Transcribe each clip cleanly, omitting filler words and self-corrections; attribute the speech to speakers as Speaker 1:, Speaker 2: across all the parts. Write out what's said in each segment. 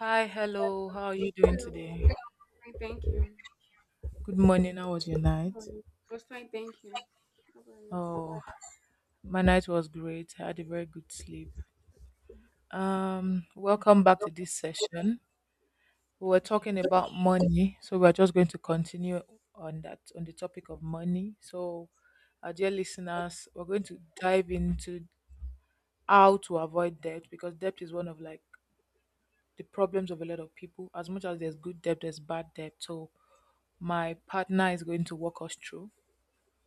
Speaker 1: Hi, hello. How are you doing
Speaker 2: Não,
Speaker 1: today?
Speaker 2: fine. Thank you.
Speaker 1: Good morning. How was your
Speaker 2: No,
Speaker 1: night?
Speaker 2: it was fine. Thank you. No worries.
Speaker 1: Oh, my night was great. I had a very good sleep. Welcome back to
Speaker 2: Thank
Speaker 1: this session. We were
Speaker 2: you.
Speaker 1: talking about money, so we're just going to continue on that on the topic of money. So, our dear listeners, we're going to dive into how to avoid debt, because debt is one of like the problems of a lot of people. As much as there's good debt, there's bad debt. So, my partner is going to walk us through.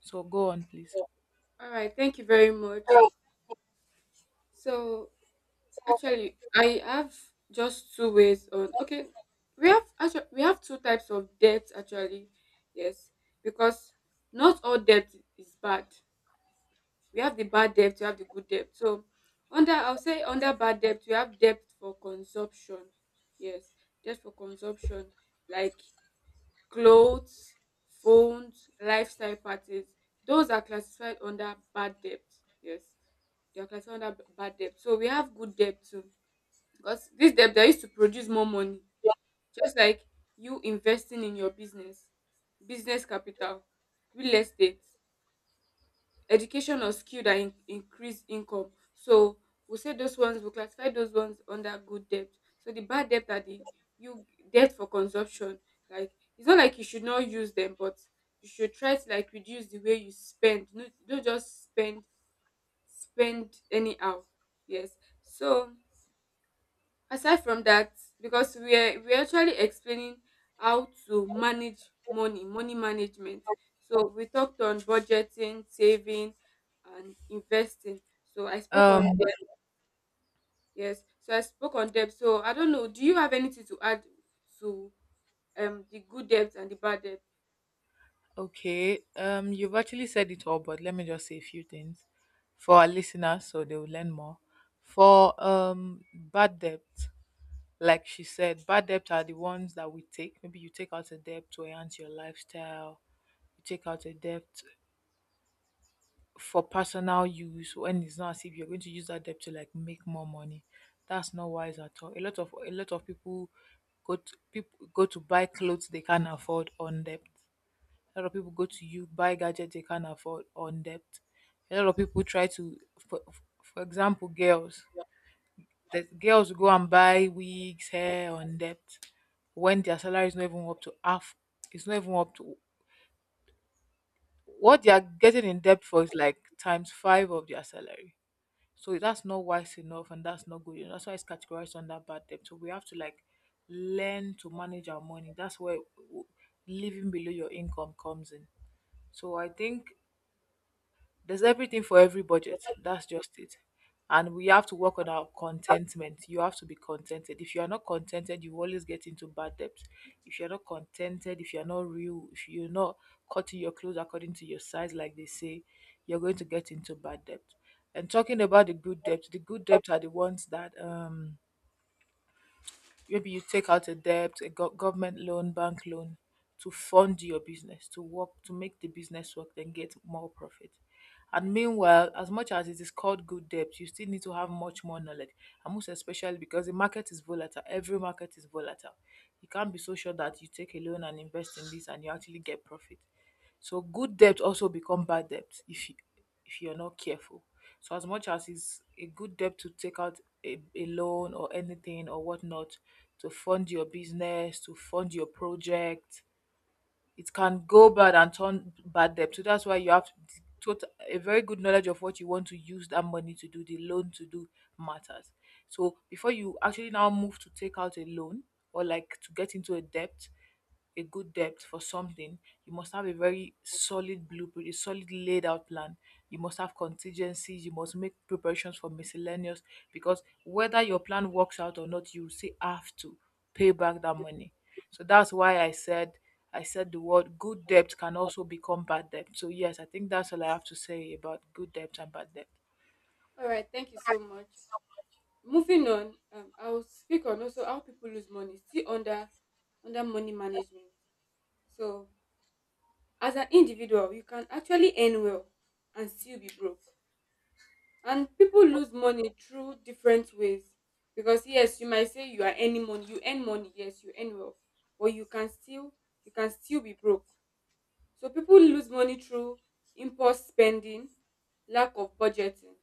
Speaker 1: So go on, please.
Speaker 2: All right, thank you very much. So actually, I have just two ways on. Okay, we have two types of debt actually. Yes, because not all debt is bad. We have the bad debt, we have the good debt. So under, I'll say, under bad debt, we have debt for consumption. Yes, debt for consumption. Like clothes, phones, lifestyle parties, those are classified under bad debt. Yes, they are classified under bad debt. So we have good debt too. Because this debt that used to produce more money, just like you investing in your business, business capital, real estate, education or skill that increase income. So we say those ones, we classify those ones under good debt. So the bad debt are the you debt for consumption. Like, it's not like you should not use them, but you should try to, like, reduce the way you spend. No, don't just spend anyhow. Yes. So aside from that, because we're actually explaining how to manage money money management, so we talked on budgeting, saving and investing, so I spoke on
Speaker 1: Um,
Speaker 2: debt. Yes, so I spoke on debt. So I don't know, do you have anything to add to the good debt and the bad debt?
Speaker 1: okay. You've actually said it all, but let me just say a few things for our listeners so they will learn more. For bad debt, like she said, bad debt are the ones that we take. Maybe you take out a debt to enhance your lifestyle, you take out a debt for personal use when it's not as if you're going to use that debt to like make more money. That's not wise at all. A lot of people go to buy clothes they can't afford on debt. A lot of people go to you buy gadgets they can't afford on debt. A lot of people try to, for example, girls. The girls go and buy wigs, hair on debt when their salary is not even up to half. It's not even up to what they are getting in debt for is like times five of their salary. So that's not wise enough, and that's not good enough. That's why it's categorized under bad debt. So we have to like learn to manage our money. That's where w- living below your income comes in. So I think there's everything for every budget. That's just it. And we have to work on our contentment. You have to be contented. If you are not contented, you always get into bad debt. If you're not contented, if you're not real, if you're not cutting your clothes according to your size, like they say, you're going to get into bad debt. And talking about the good debt are the ones that maybe you take out a debt, a government loan, bank loan to fund your business, to work, to make the business work, then get more profit. And meanwhile, as much as it is called good debt, you still need to have much more knowledge. And most especially because the market is volatile. Every market is volatile. You can't be so sure that you take a loan and invest in this and you actually get profit. So good debt also become bad debt if you if you're not careful. So as much as it's a good debt to take out a loan or anything or whatnot to fund your business, to fund your project, it can go bad and turn bad debt. So that's why you have total, a very good knowledge of what you want to use that money to do, the loan to do matters. So before you actually now move to take out a loan or like to get into a debt, a good depth for something, you must have a very solid blueprint, a solid laid out plan. You must have contingencies, you must make preparations for miscellaneous because whether your plan works out or not, you will still have to pay back that money. So that's why I said the word good debt can also become bad debt. So yes, I think that's all I have to say about good debt and bad debt.
Speaker 2: All right, thank you so much. Moving on, I'll speak on also how people lose money, still under money management. So as an individual, you can actually earn well and still be broke. And people lose money through different ways. Because yes, you might say you are earning money, you earn money, yes, you earn well, but you can still be broke. So people lose money through impulse spending, lack of budgeting,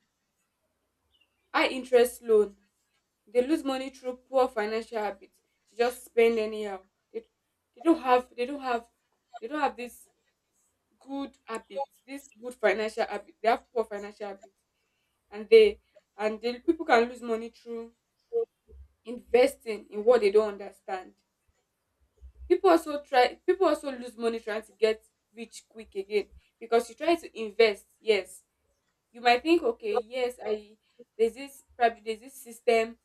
Speaker 2: high interest loan. They lose money through poor financial habits. They just spend anyhow. They, they don't have they don't have they don't have this good habits, this good financial habit. They have poor financial habits, and they and the people can lose money through investing in what they don't understand. People also try. People also lose money trying to get rich quick again because you try to invest. Yes, you might think, okay, yes, I there's this probably there's this system.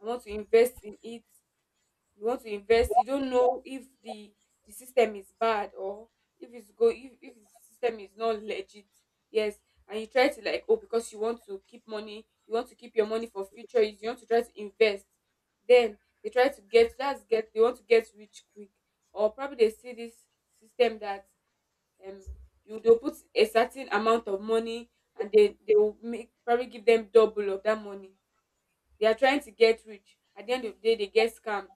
Speaker 2: I want to invest in it. You want to invest, you don't know if the system is bad or if it's go if the system is not legit. Yes, and you try to, like, oh, because you want to keep money, you want to keep your money for future use, you want to try to invest. Then they want to get rich quick. Or probably they see this system that um you they'll put a certain amount of money, and they will make probably give them double of that money. They are trying to get rich. At the end of the day, they get scammed.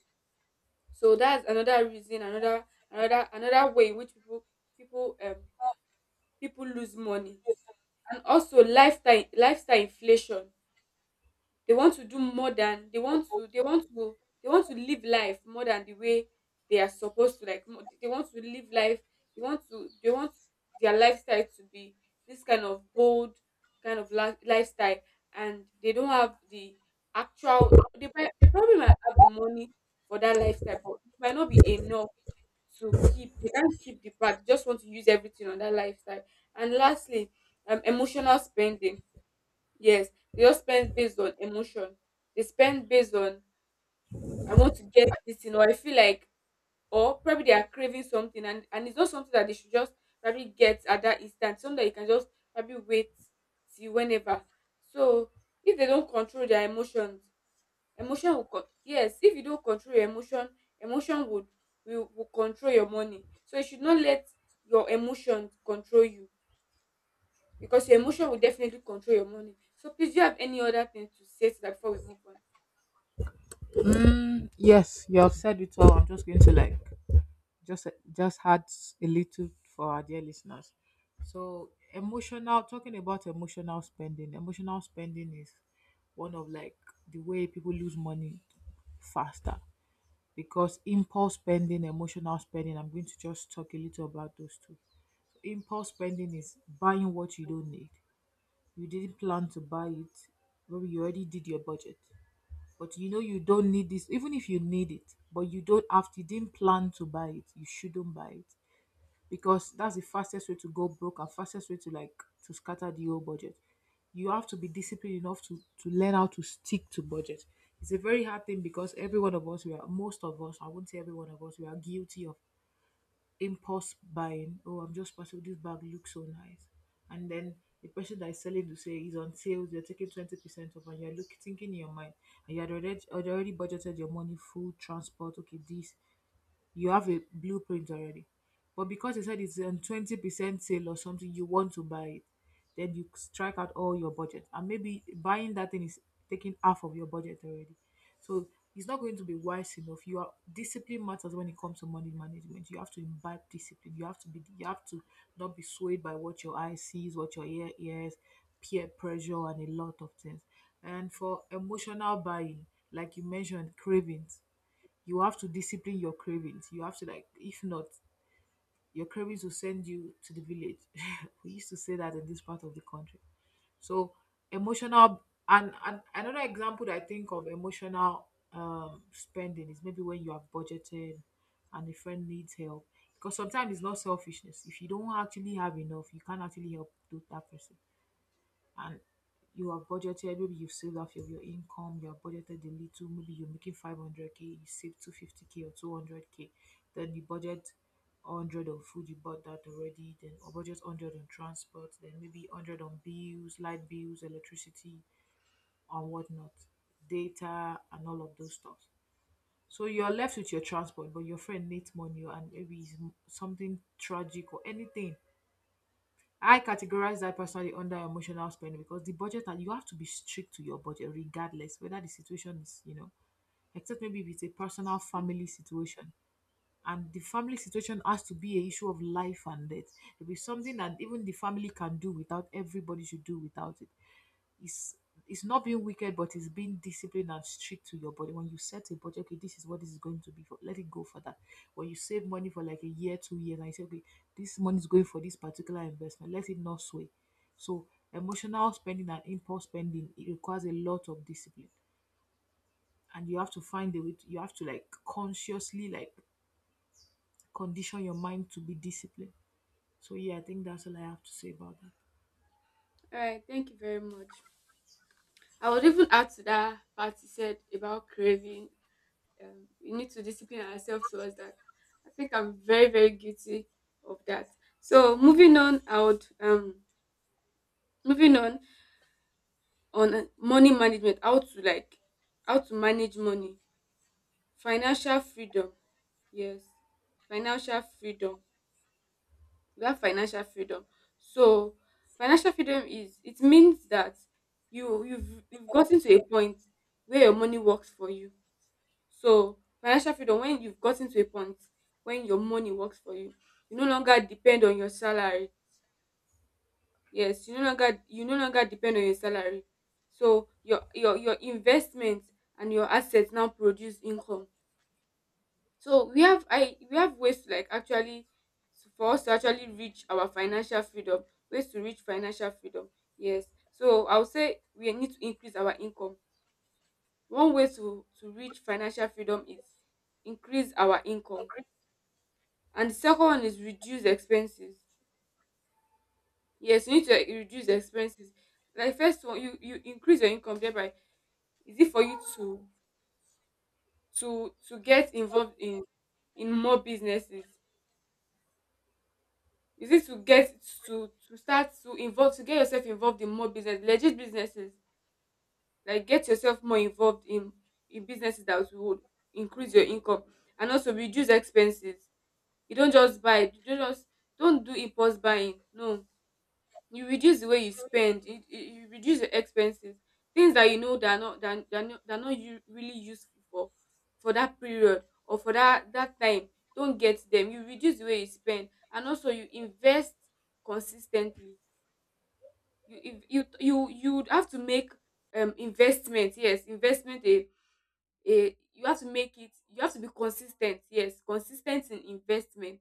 Speaker 2: So that's another reason, another way in which people um people lose money. And also lifestyle inflation. They want to do more than they want to live life more than the way they are supposed to, like, they want to live life, they want their lifestyle to be this kind of bold kind of life, lifestyle, and they don't have the actual they, prob- they probably might have the money for that lifestyle, but it might not be enough to keep they can't keep the part, they just want to use everything on that lifestyle. And lastly, emotional spending. Yes, they just spend based on emotion. They spend based on, I want to get this thing, or I feel like, or probably they are craving something, and it's not something that they should just probably get at that instant, something that you can just probably wait till whenever. So if they don't control their emotions, yes, if you don't control your emotion, emotion will control your money. So you should not let your emotion control you, because your emotion will definitely control your money. So please, do you have any other thing to say to that before we move on?
Speaker 1: Mm, yes, you have said it all. I'm just going to like just just had a little for our dear listeners. So emotional talking about emotional spending. Emotional spending is one of like the way people lose money faster because impulse spending, emotional spending. I'm going to just talk a little about those two. Impulse spending is buying what you don't need. You didn't plan to buy it. Maybe you already did your budget, but you know you don't need this. Even if you need it, but you don't have to, you didn't plan to buy it, you shouldn't buy it because that's the fastest way to go broke and fastest way to like to scatter the whole budget. You have to be disciplined enough to learn how to stick to budget. It's a very hard thing because every one of us, we are most of us, I won't say every one of us, we are guilty of impulse buying. Oh, I'm just passing this bag looks so nice. And then the person that is selling to say is on sale, they're taking 20% off and you're looking thinking in your mind, and you had already budgeted your money, food, transport, okay, this you have a blueprint already. But because you said it's on 20% sale or something, you want to buy it, then you strike out all your budget. And maybe buying that thing is taking half of your budget already. So it's not going to be wise enough. You are discipline matters when it comes to money management. You have to imbibe discipline. You have to be you have to not be swayed by what your eye sees, what your ear hears, peer pressure and a lot of things. And for emotional buying, like you mentioned, cravings, you have to discipline your cravings. You have to like, if not, your cravings will send you to the village. We used to say that in this part of the country. So emotional and another example that I think of emotional spending is maybe when you have budgeted and a friend needs help. Because sometimes it's not selfishness. If you don't actually have enough, you can't actually help that person. And you have budgeted, maybe you've saved off of your income, you have budgeted a little, maybe you're making 500k, you save 250k or 200k, then you budget 100 on food, you bought that already, then or budget 100 on transport, then maybe 100 on bills, light bills, electricity and whatnot, data and all of those stuff. So you're left with your transport, but your friend needs money, and maybe it's something tragic or anything. I categorize that personally under emotional spending, because the budget that you have to be strict to your budget regardless whether the situation is, you know, except maybe if it's a personal family situation. And the family situation has to be a issue of life and death. It will be something that even the family can do without, everybody should do without it. it's it's not being wicked, but it's being disciplined and strict to your body. When you set a budget, okay, this is what this is going to be for. Let it go for that. When you save money for like a year, 2 years, and you say, okay, this money is going for this particular investment. Let it not sway. So emotional spending and impulse spending it requires a lot of discipline, and you have to find a way. You have to like consciously like condition your mind to be disciplined. So yeah, I think that's all I have to say about that.
Speaker 2: All right, thank you very much. I would even add to that part you said about craving. We need to discipline ourselves towards that. I think I'm very, very guilty of that. So moving on, I would moving on money management, how to like how to manage money, financial freedom. Yes, financial freedom. We have financial freedom. So financial freedom is, it means that you've gotten to a point where your money works for you. So financial freedom, when you've gotten to a point when your money works for you, you no longer depend on your salary. Yes, you no longer depend on your salary. So your investment and your assets now produce income. So we have ways to, like, actually, for us to actually reach our financial freedom, ways to reach financial freedom. Yes. So I would say we need to increase our income. One way to reach financial freedom is increase our income. And the second one is reduce expenses. Yes, you need to, like, reduce expenses. Like, first one, you increase your income thereby. Is it for you to get involved in more businesses? Is it to get to get yourself involved in more business, legit businesses? Like, get yourself more involved in businesses that would increase your income, and also reduce expenses. You don't just buy, you don't just don't do impulse buying. No, you reduce the way you spend. You, you reduce your expenses, things that you know that are not, that are not you really useful for that period or for that time, don't get them. You reduce the way you spend, and also you invest consistently. You if you you you would have to make investment, yes, investment, a you have to make it, you have to be consistent, yes, consistent in investment.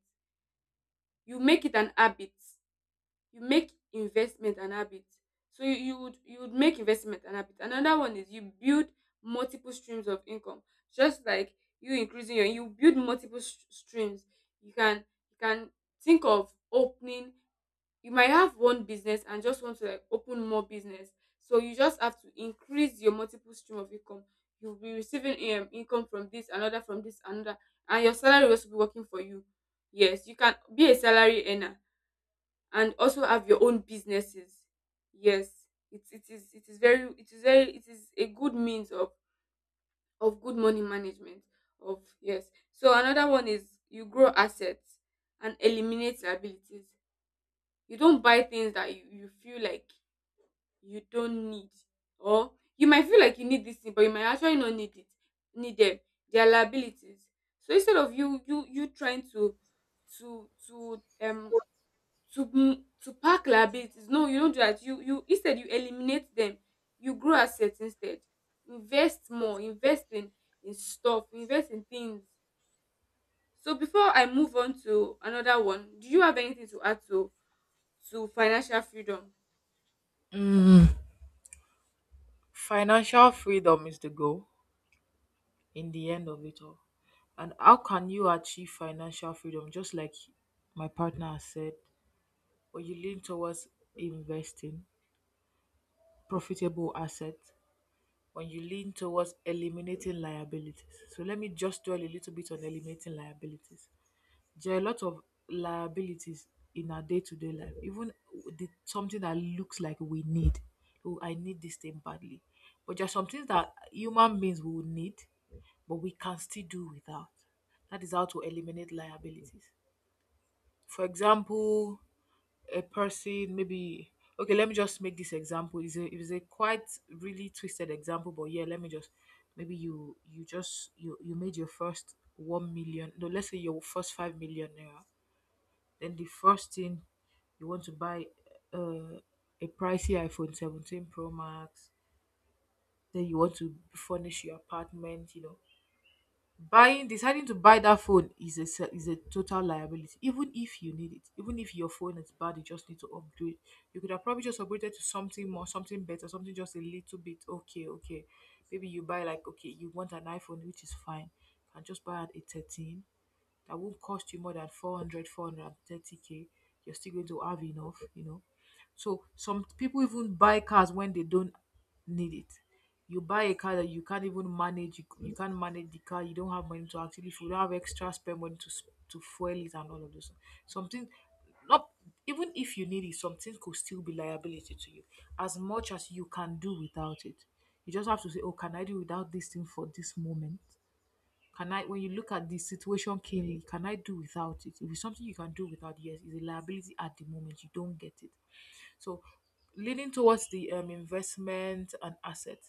Speaker 2: You make it an habit. You make investment an habit. So you would make investment an habit. Another one is you build multiple streams of income. Just like, you increasing your you build multiple streams. you can you can think of opening, you might have one business and just want to, like, open more business. So you just have to increase your multiple stream of income. You'll be receiving, income from this another, from this another, and your salary will also be working for you. Yes, you can be a salary earner and also have your own businesses. Yes, it, it is very it is very it is a good means of good money management. Of yes So another one is, you grow assets and eliminate liabilities. You don't buy things that you feel like you don't need, or you might feel like you need this thing but you might actually not need it, need them, their liabilities. So instead of you trying to to to um to pack liabilities, no, you don't do that. You instead, you eliminate them. You grow assets instead. Invest more, invest in stuff, invest in things. So before I move on to another one, do you have anything to add to financial freedom?
Speaker 1: Financial freedom is the goal in the end of it all. And how can you achieve financial freedom? Just like my partner has said, when you lean towards investing, profitable assets, when you lean towards eliminating liabilities. So let me just dwell a little bit on eliminating liabilities. There are a lot of liabilities in our day to day life, even something that looks like we need. Oh, I need this thing badly. But there are some things that human beings will need, but we can still do without. That is how to eliminate liabilities. For example, a person maybe okay, let me just make this example. Is a quite really twisted example, but yeah, let me just maybe you made your first 1 million, no, let's say your first 5 million naira, then the first thing you want to buy uh, a pricey iPhone 17 Pro Max, then you want to furnish your apartment, you know. Buying deciding to buy that phone is a is a total liability, even if you need it, even if your phone is bad, you just need to upgrade. You could have probably just upgraded to something more, something better, something just a little bit okay, okay. Maybe you buy like okay, you want an iPhone, which is fine. You can just buy a 13 that won't cost you more than 400, 430 k. You're still going to have enough, you know. So some people even buy cars when they don't need it. You buy a car that you can't even manage, you can't manage the car, you don't have money to actually, if you don't have extra spare money to, to fuel it and all of those. Something, not even if you need it, something could still be liability to you as much as you can do without it. You just have to say, oh, can I do without this thing for this moment? Can I, when you look at the situation clearly, can I do without it? If it's something you can do without, yes, it's a liability at the moment. You don't get it. So, leaning towards the investment and asset,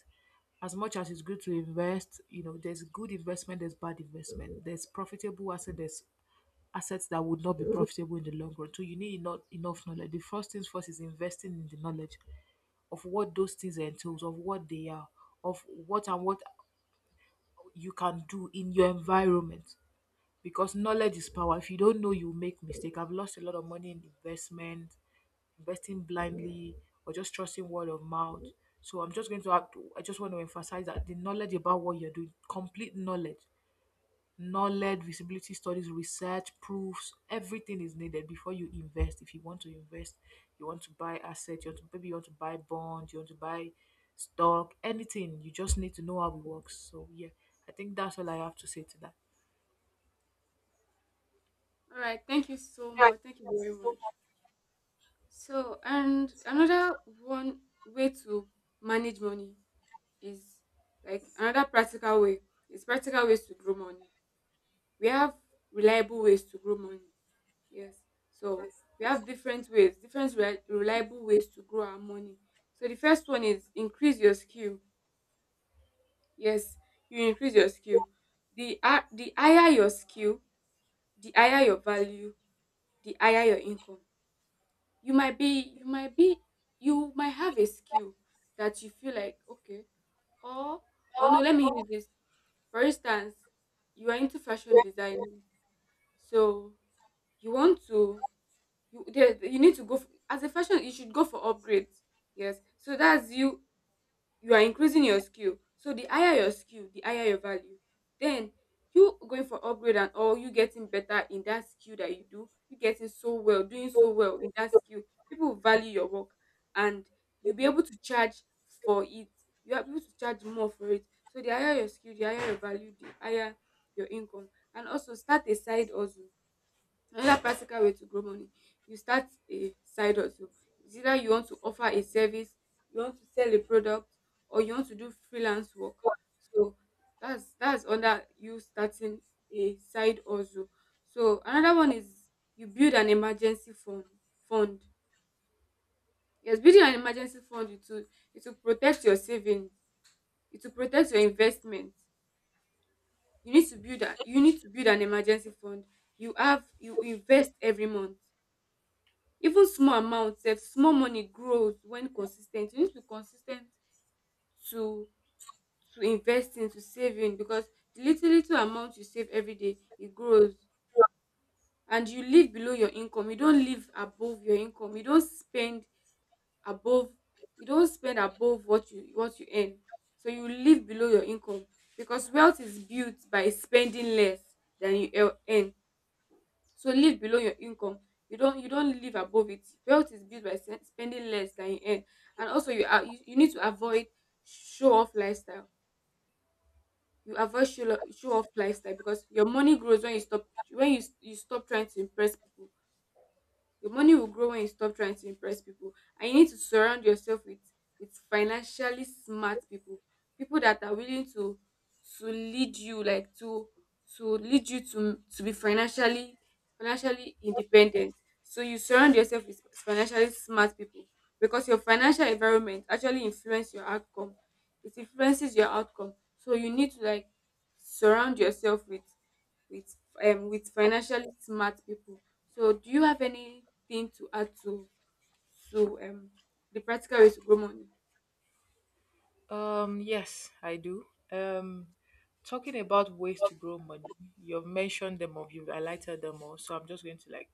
Speaker 1: as much as it's good to invest, you know, there's good investment, there's bad investment, there's profitable asset, there's assets that would not be profitable in the long run. So you need not enough knowledge. The first things first is investing in the knowledge of what those things entails, of what they are, of what and what you can do in your environment because knowledge is power. If you don't know, you make mistake. I've lost a lot of money in investment, investing blindly, or just trusting word of mouth. So I'm just going to act, I just want to emphasize that the knowledge about what you're doing, complete knowledge, knowledge, visibility studies, research, proofs, everything is needed before you invest. If you want to invest, you want to buy assets, you want to, maybe you want to buy bond, you want to buy stock, anything. You just need to know how it works. So yeah, I think that's all I have to say to
Speaker 2: All right, thank you so
Speaker 1: that.
Speaker 2: much. Thank you very much. So, and another one way to manage money is, like, another practical way. It's practical ways to grow money. We have reliable ways to grow money. Yes. So we have different ways, different reliable ways to grow our money. So the first one is, increase your skill. Yes, you increase your skill. The higher your skill, the higher your value, the higher your income. You might be you might be you might have a skill that you feel like, okay, or no, let me use this, for instance, you are into fashion designing. So you want to you there you need to go for, as a fashion, you should go for upgrades. Yes, so that's you, you are increasing your skill. So the higher your skill, the higher your value. Then you going for upgrade and all, you getting better in that skill that you do, you getting so well, doing so well in that skill, people value your work, and you'll be able to charge for it. You are able to charge more for it. So the higher your skill, the higher your value, the higher your income. And also, start a side hustle. Another practical way to grow money, you start a side hustle. It's either you want to offer a service, you want to sell a product, or you want to do freelance work. So that's under you starting a side hustle. So another one is you build an emergency fund. Yes, building an emergency fund, it will protect your savings, it will protect your investment. You need to you need to build an emergency fund. You invest every month, even small amount sef. Small money grows when consis ten t. You need to be consis ten t to investing, to saving, because the little little amount you save everyday e grows. And you live below your income, you don't live above your income, above you don't spend above what you earn. So you live below your income, because wealth is built by spending less than you earn. So live below your income. You don't live above it. Wealth is built by spending less than you earn, and also you need to avoid show off lifestyle. You avoid show off lifestyle because your money grows when you stop trying to impress people. Your money will grow when you stop trying to impress people. And you need to surround yourself with financially smart people, people that are willing to lead you, like, to lead you to be financially independent. So you surround yourself with financially smart people, because your financial environment actually influence your outcome. It influences your outcome. So you need to, like, surround yourself with with financially smart people. So do you have anything to add to to um the practical ways to grow money?
Speaker 1: Yes, I do. Um, Talking about ways to grow money, you've mentioned them or you've highlighted them all, so I'm just going to like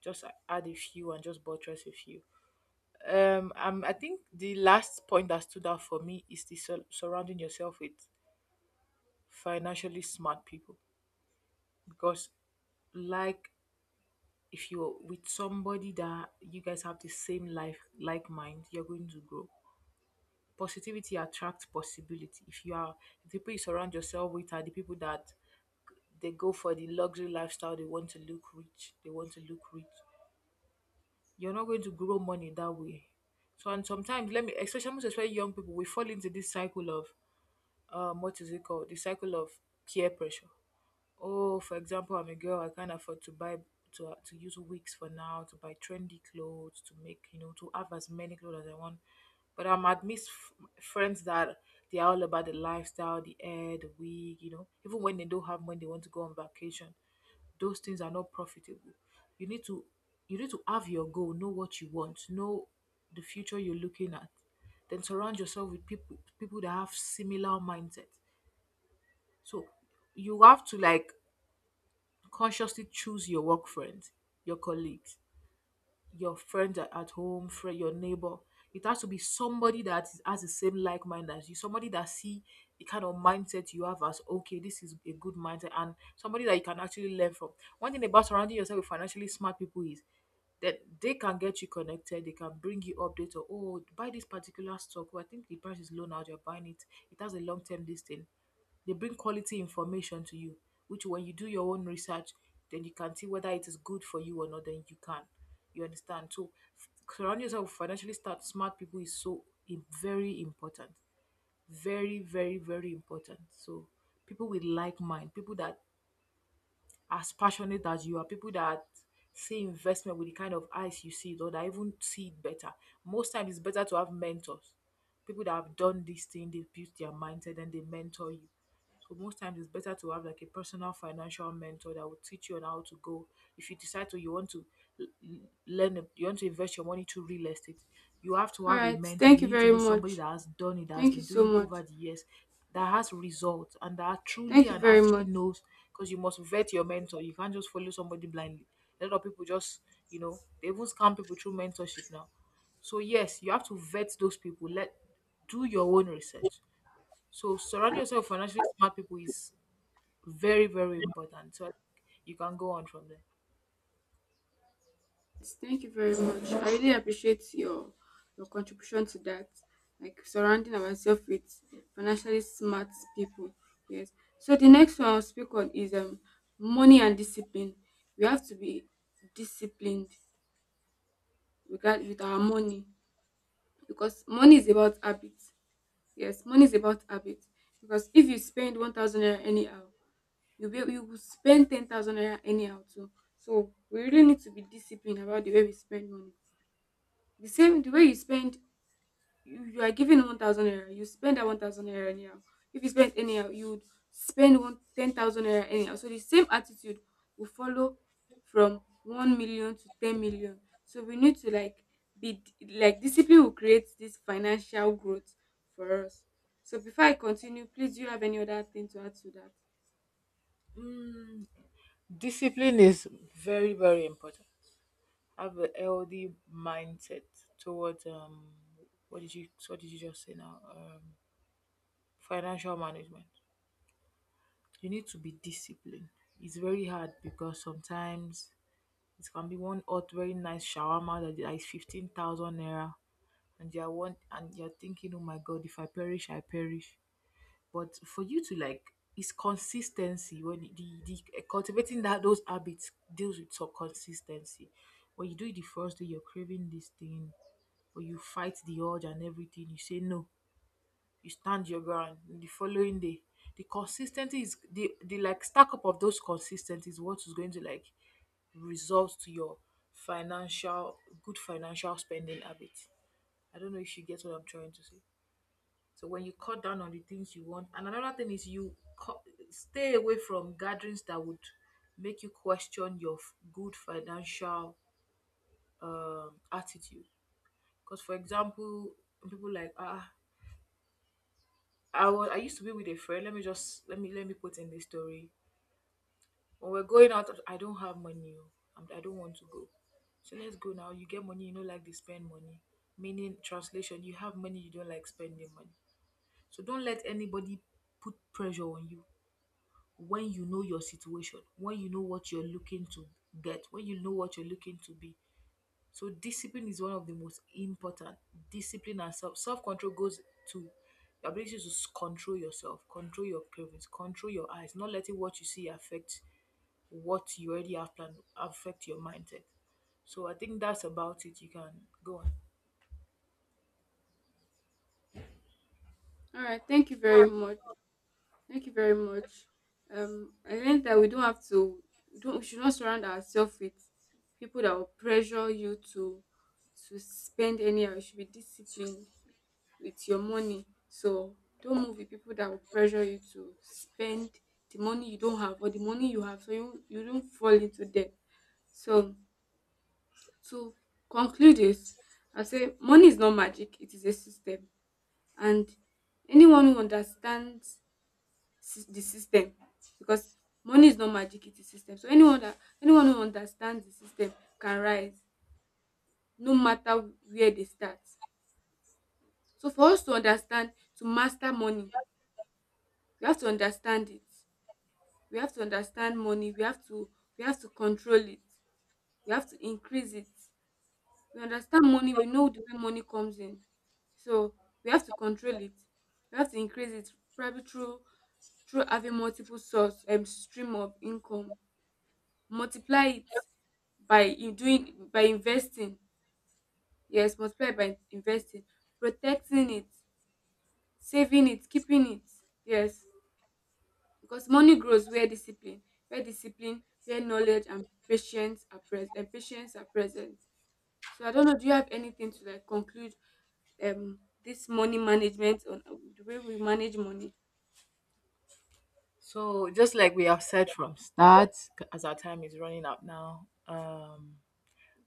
Speaker 1: just add a few and just buttress a few. I think the last point that stood out for me is the surrounding yourself with financially smart people because, like, if you're with somebody that you guys have the same life like mind, you're going to grow positivity attracts possibility if you are the people you surround yourself with are the people that they go for the luxury lifestyle. They want to look rich. They want to look rich. You're not going to grow money that way. So and sometimes let me especially most especially young people, we fall into this cycle of what is it called? The cycle of peer pressure. Oh, for example, I'm a girl. I can't afford to buy to use wigs for now, to buy trendy clothes, to make you know, to have as many clothes as I want. But I'm admit friends that they are all about the lifestyle, the hair, the wig. You know, even when they don't have money, they want to go on vacation. Those things are not profitable. You need to you need to have your goal, know what you want, know the future you're looking at. Then surround yourself with people that have similar mindset. So you have to like consciously choose your work friends, your colleagues, your friends at home, friend, your neighbor. It has to be somebody that has the same like mind as you, somebody that see the kind of mindset you have as okay, this is a good mindset, and somebody that you can actually learn from. One thing about surrounding yourself with financially smart people is that they can get you connected, they can bring you updates or oh buy this particular stock, or I think the price is low now, you're buying it. It has a long term listing. They bring quality information to you, which when you do your own research, then you can see whether it is good for you or not, then you can. You understand? So f- surround yourself with financially smart people is so very important. Very, very, very important. So people with like mind, people that are as passionate as you are, people that see investment with the kind of eyes you see it or that even see it better. Most times it's better to have mentors people that have done this thing, they build their mindset and they mentor you. So most times it's better to have like a personal financial mentor that will teach you on how to go. If you decide to you want to learn you want to invest your money to real estate, you have to
Speaker 2: All
Speaker 1: have a
Speaker 2: right.
Speaker 1: mentor.
Speaker 2: Thank
Speaker 1: You
Speaker 2: you
Speaker 1: need to
Speaker 2: very
Speaker 1: know somebody
Speaker 2: much.
Speaker 1: that has done it, that has
Speaker 2: Thank you
Speaker 1: been
Speaker 2: so
Speaker 1: doing it over
Speaker 2: much.
Speaker 1: the years, that has results and that truly
Speaker 2: Thank you
Speaker 1: and
Speaker 2: very
Speaker 1: actually
Speaker 2: much.
Speaker 1: knows because you must vet your mentor. You can't just follow somebody blindly. A lot of people just, you know, they even scam people through mentorship now. So yes, you have to vet those people. Let do your own research. So surround yourself with financially smart people is very, very important. So like, you can go on from there.
Speaker 2: Thank you very much. I really appreciate your contribution to that. Like surrounding ourselves with financially smart people. Yes. So the next one I'll speak on is money and discipline. We have to be disciplined regard with our money, because money is about habits. Yes, money is about habits, because if you spend 1,000 naira anyhow, you will spend 10,000 naira anyhow too. So, we really need to be disciplined about the way we spend money. The same, the way you spend, you are given 1,000 naira, you spend that 1,000 naira anyhow. If you spend anyhow, you would spend one ten thousand 10,000 naira anyhow, so the same attitude will follow from 1 million to 10 million. So we need to, like, be, like, discipline will create this financial growth for us. So before I continue, please, do you have any other thing to add to that?
Speaker 1: Discipline is very, very important. Have a healthy mindset towards what did you just say now? Financial management. You need to be disciplined. It's very hard because sometimes it can be one hot, very nice shawarma that is 15,000 naira and you are one and you're thinking, oh my god, if I perish, I perish. But for you to like, it's consistency when the cultivating that those habits deals with some consistency. When you do it the first day, you're craving this thing, but you fight the urge and everything. You say no, you stand your ground. The following day, the consistency is the like stack up of those consistencies is what is going to like result to your financial good financial spending habit. I don't know if you get what I'm trying to say. So when you cut down on the things you want, and another thing is you cut, stay away from gatherings that would make you question your good financial attitude. Because for example, people like ah, I used to be with a friend. Let me just let me put in this story. When we're going out, I don't have money. Oh, I don't want to go. So let's go now. You get money, you don't like to spend money. Meaning, translation, you have money, you don't like spending money. So don't let anybody put pressure on you. When you know your situation, when you know what you're looking to get, when you know what you're looking to be. So discipline is one of the most important. Discipline and self control goes to your ability to control yourself, control your cravings, control your eyes, not letting what you see affect what you already have planned, affect your mindset. So I think that's about it. You can go on.
Speaker 2: All right. Thank you very much. Thank you very much. I learned that we don't have to, we don't, we should not surround ourselves with people that will pressure you to spend anyhow. You should be disciplined with your money. So don't move with people that will pressure you to spend the money you don't have or the money you have, so you don't fall into debt. So, to conclude this, I say money is not magic; it is a system, and anyone who understands sys the system. Because money is not magic, it is system, so anyone who understands the system can rise no matter where they start. So, for us to understand, to master money, we have to understand it, we have to understand money. We have to control it. We have to increase it. We understand money, we know the way money comes in. So we have to control it, we have to increase it, probably through having multiple source and, stream of income. Multiply it by in doing by investing. Yes, multiply by investing. Protecting it, saving it, keeping it. Yes. Because money grows where discipline where discipline where knowledge and patience are present. So I don't know, do you have anything to, like, conclude this money management on, the way we manage money?
Speaker 1: So just like we have said from start, as our time is running out now,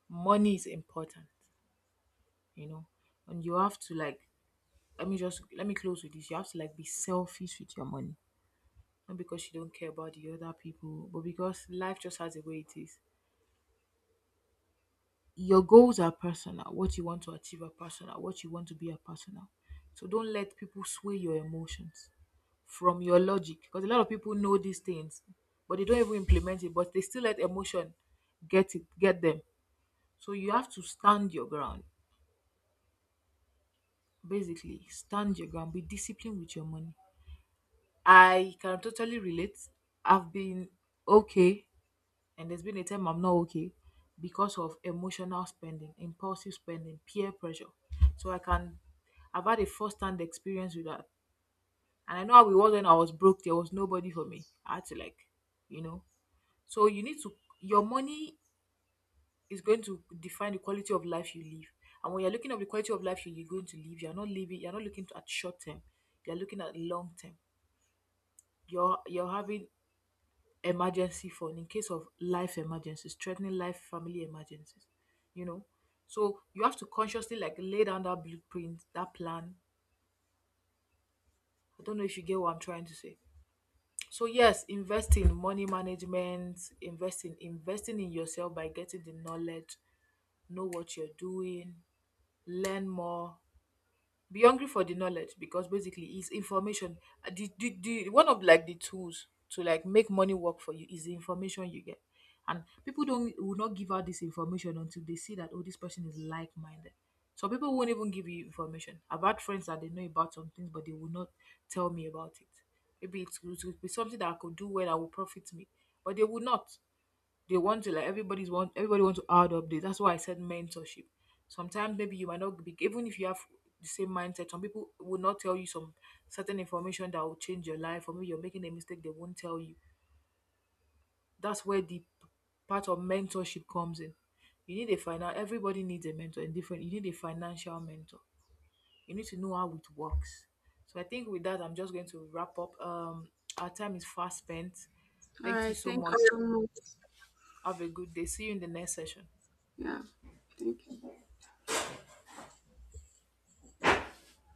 Speaker 1: money is important. You know, and you have to like let me close with this. You have to like be selfish with your money, not because you don't care about the other people but because life just has a way it is. Your goals are personal, what you want to achieve are personal, what you want to be are personal. So don't let people sway your emotions from your logic because a lot of people know these things but they don't even implement it but they still let emotion get them. So you have to stand your ground, basically stand your ground, be disciplined with your money. I can totally relate. I've been okay, and there's been a time I'm not okay because of emotional spending, impulsive spending, peer pressure. So I can, I've had a first hand experience with that. And I know how it was when I was broke, there was nobody for me. I had to, like, you know. So you need to, your money is going to define the quality of life you live. And when you're looking at the quality of life you're going to live, you're not living, you're not looking at short term, you're looking at long term. You're having emergency fund in case of life emergencies, threatening life family emergencies, you know. So you have to consciously like lay down that blueprint, that plan. I don't know if you get what I'm trying to say. So yes, invest in money management, invest in investing in yourself by getting the knowledge, know what you're doing, learn more, be hungry for the knowledge because basically it's information. The one of like the tools to like make money work for you is the information you get, and people don't will not give out this information until they see that oh this person is like-minded, so people won't even give you information. I've had friends that they know about some things but they will not tell me about it, maybe it would be something that I could do well that will profit me but they will not. They want to like everybody want to add updates. That's why I said mentorship. Sometimes maybe you might not be even if you have the same mindset. Some people will not tell you some certain information that will change your life, or maybe you're making a mistake. They won't tell you. That's where the part of mentorship comes in. You need a final. Everybody needs a mentor in different. You need a financial mentor. You need to know how it works. So I think with that, I'm just going to wrap up. Our time is fast spent.
Speaker 2: All
Speaker 1: Thank you
Speaker 2: right.
Speaker 1: so
Speaker 2: Thank
Speaker 1: much.
Speaker 2: you so much.
Speaker 1: Have a good day. See you in the next session.
Speaker 2: Yeah, thank you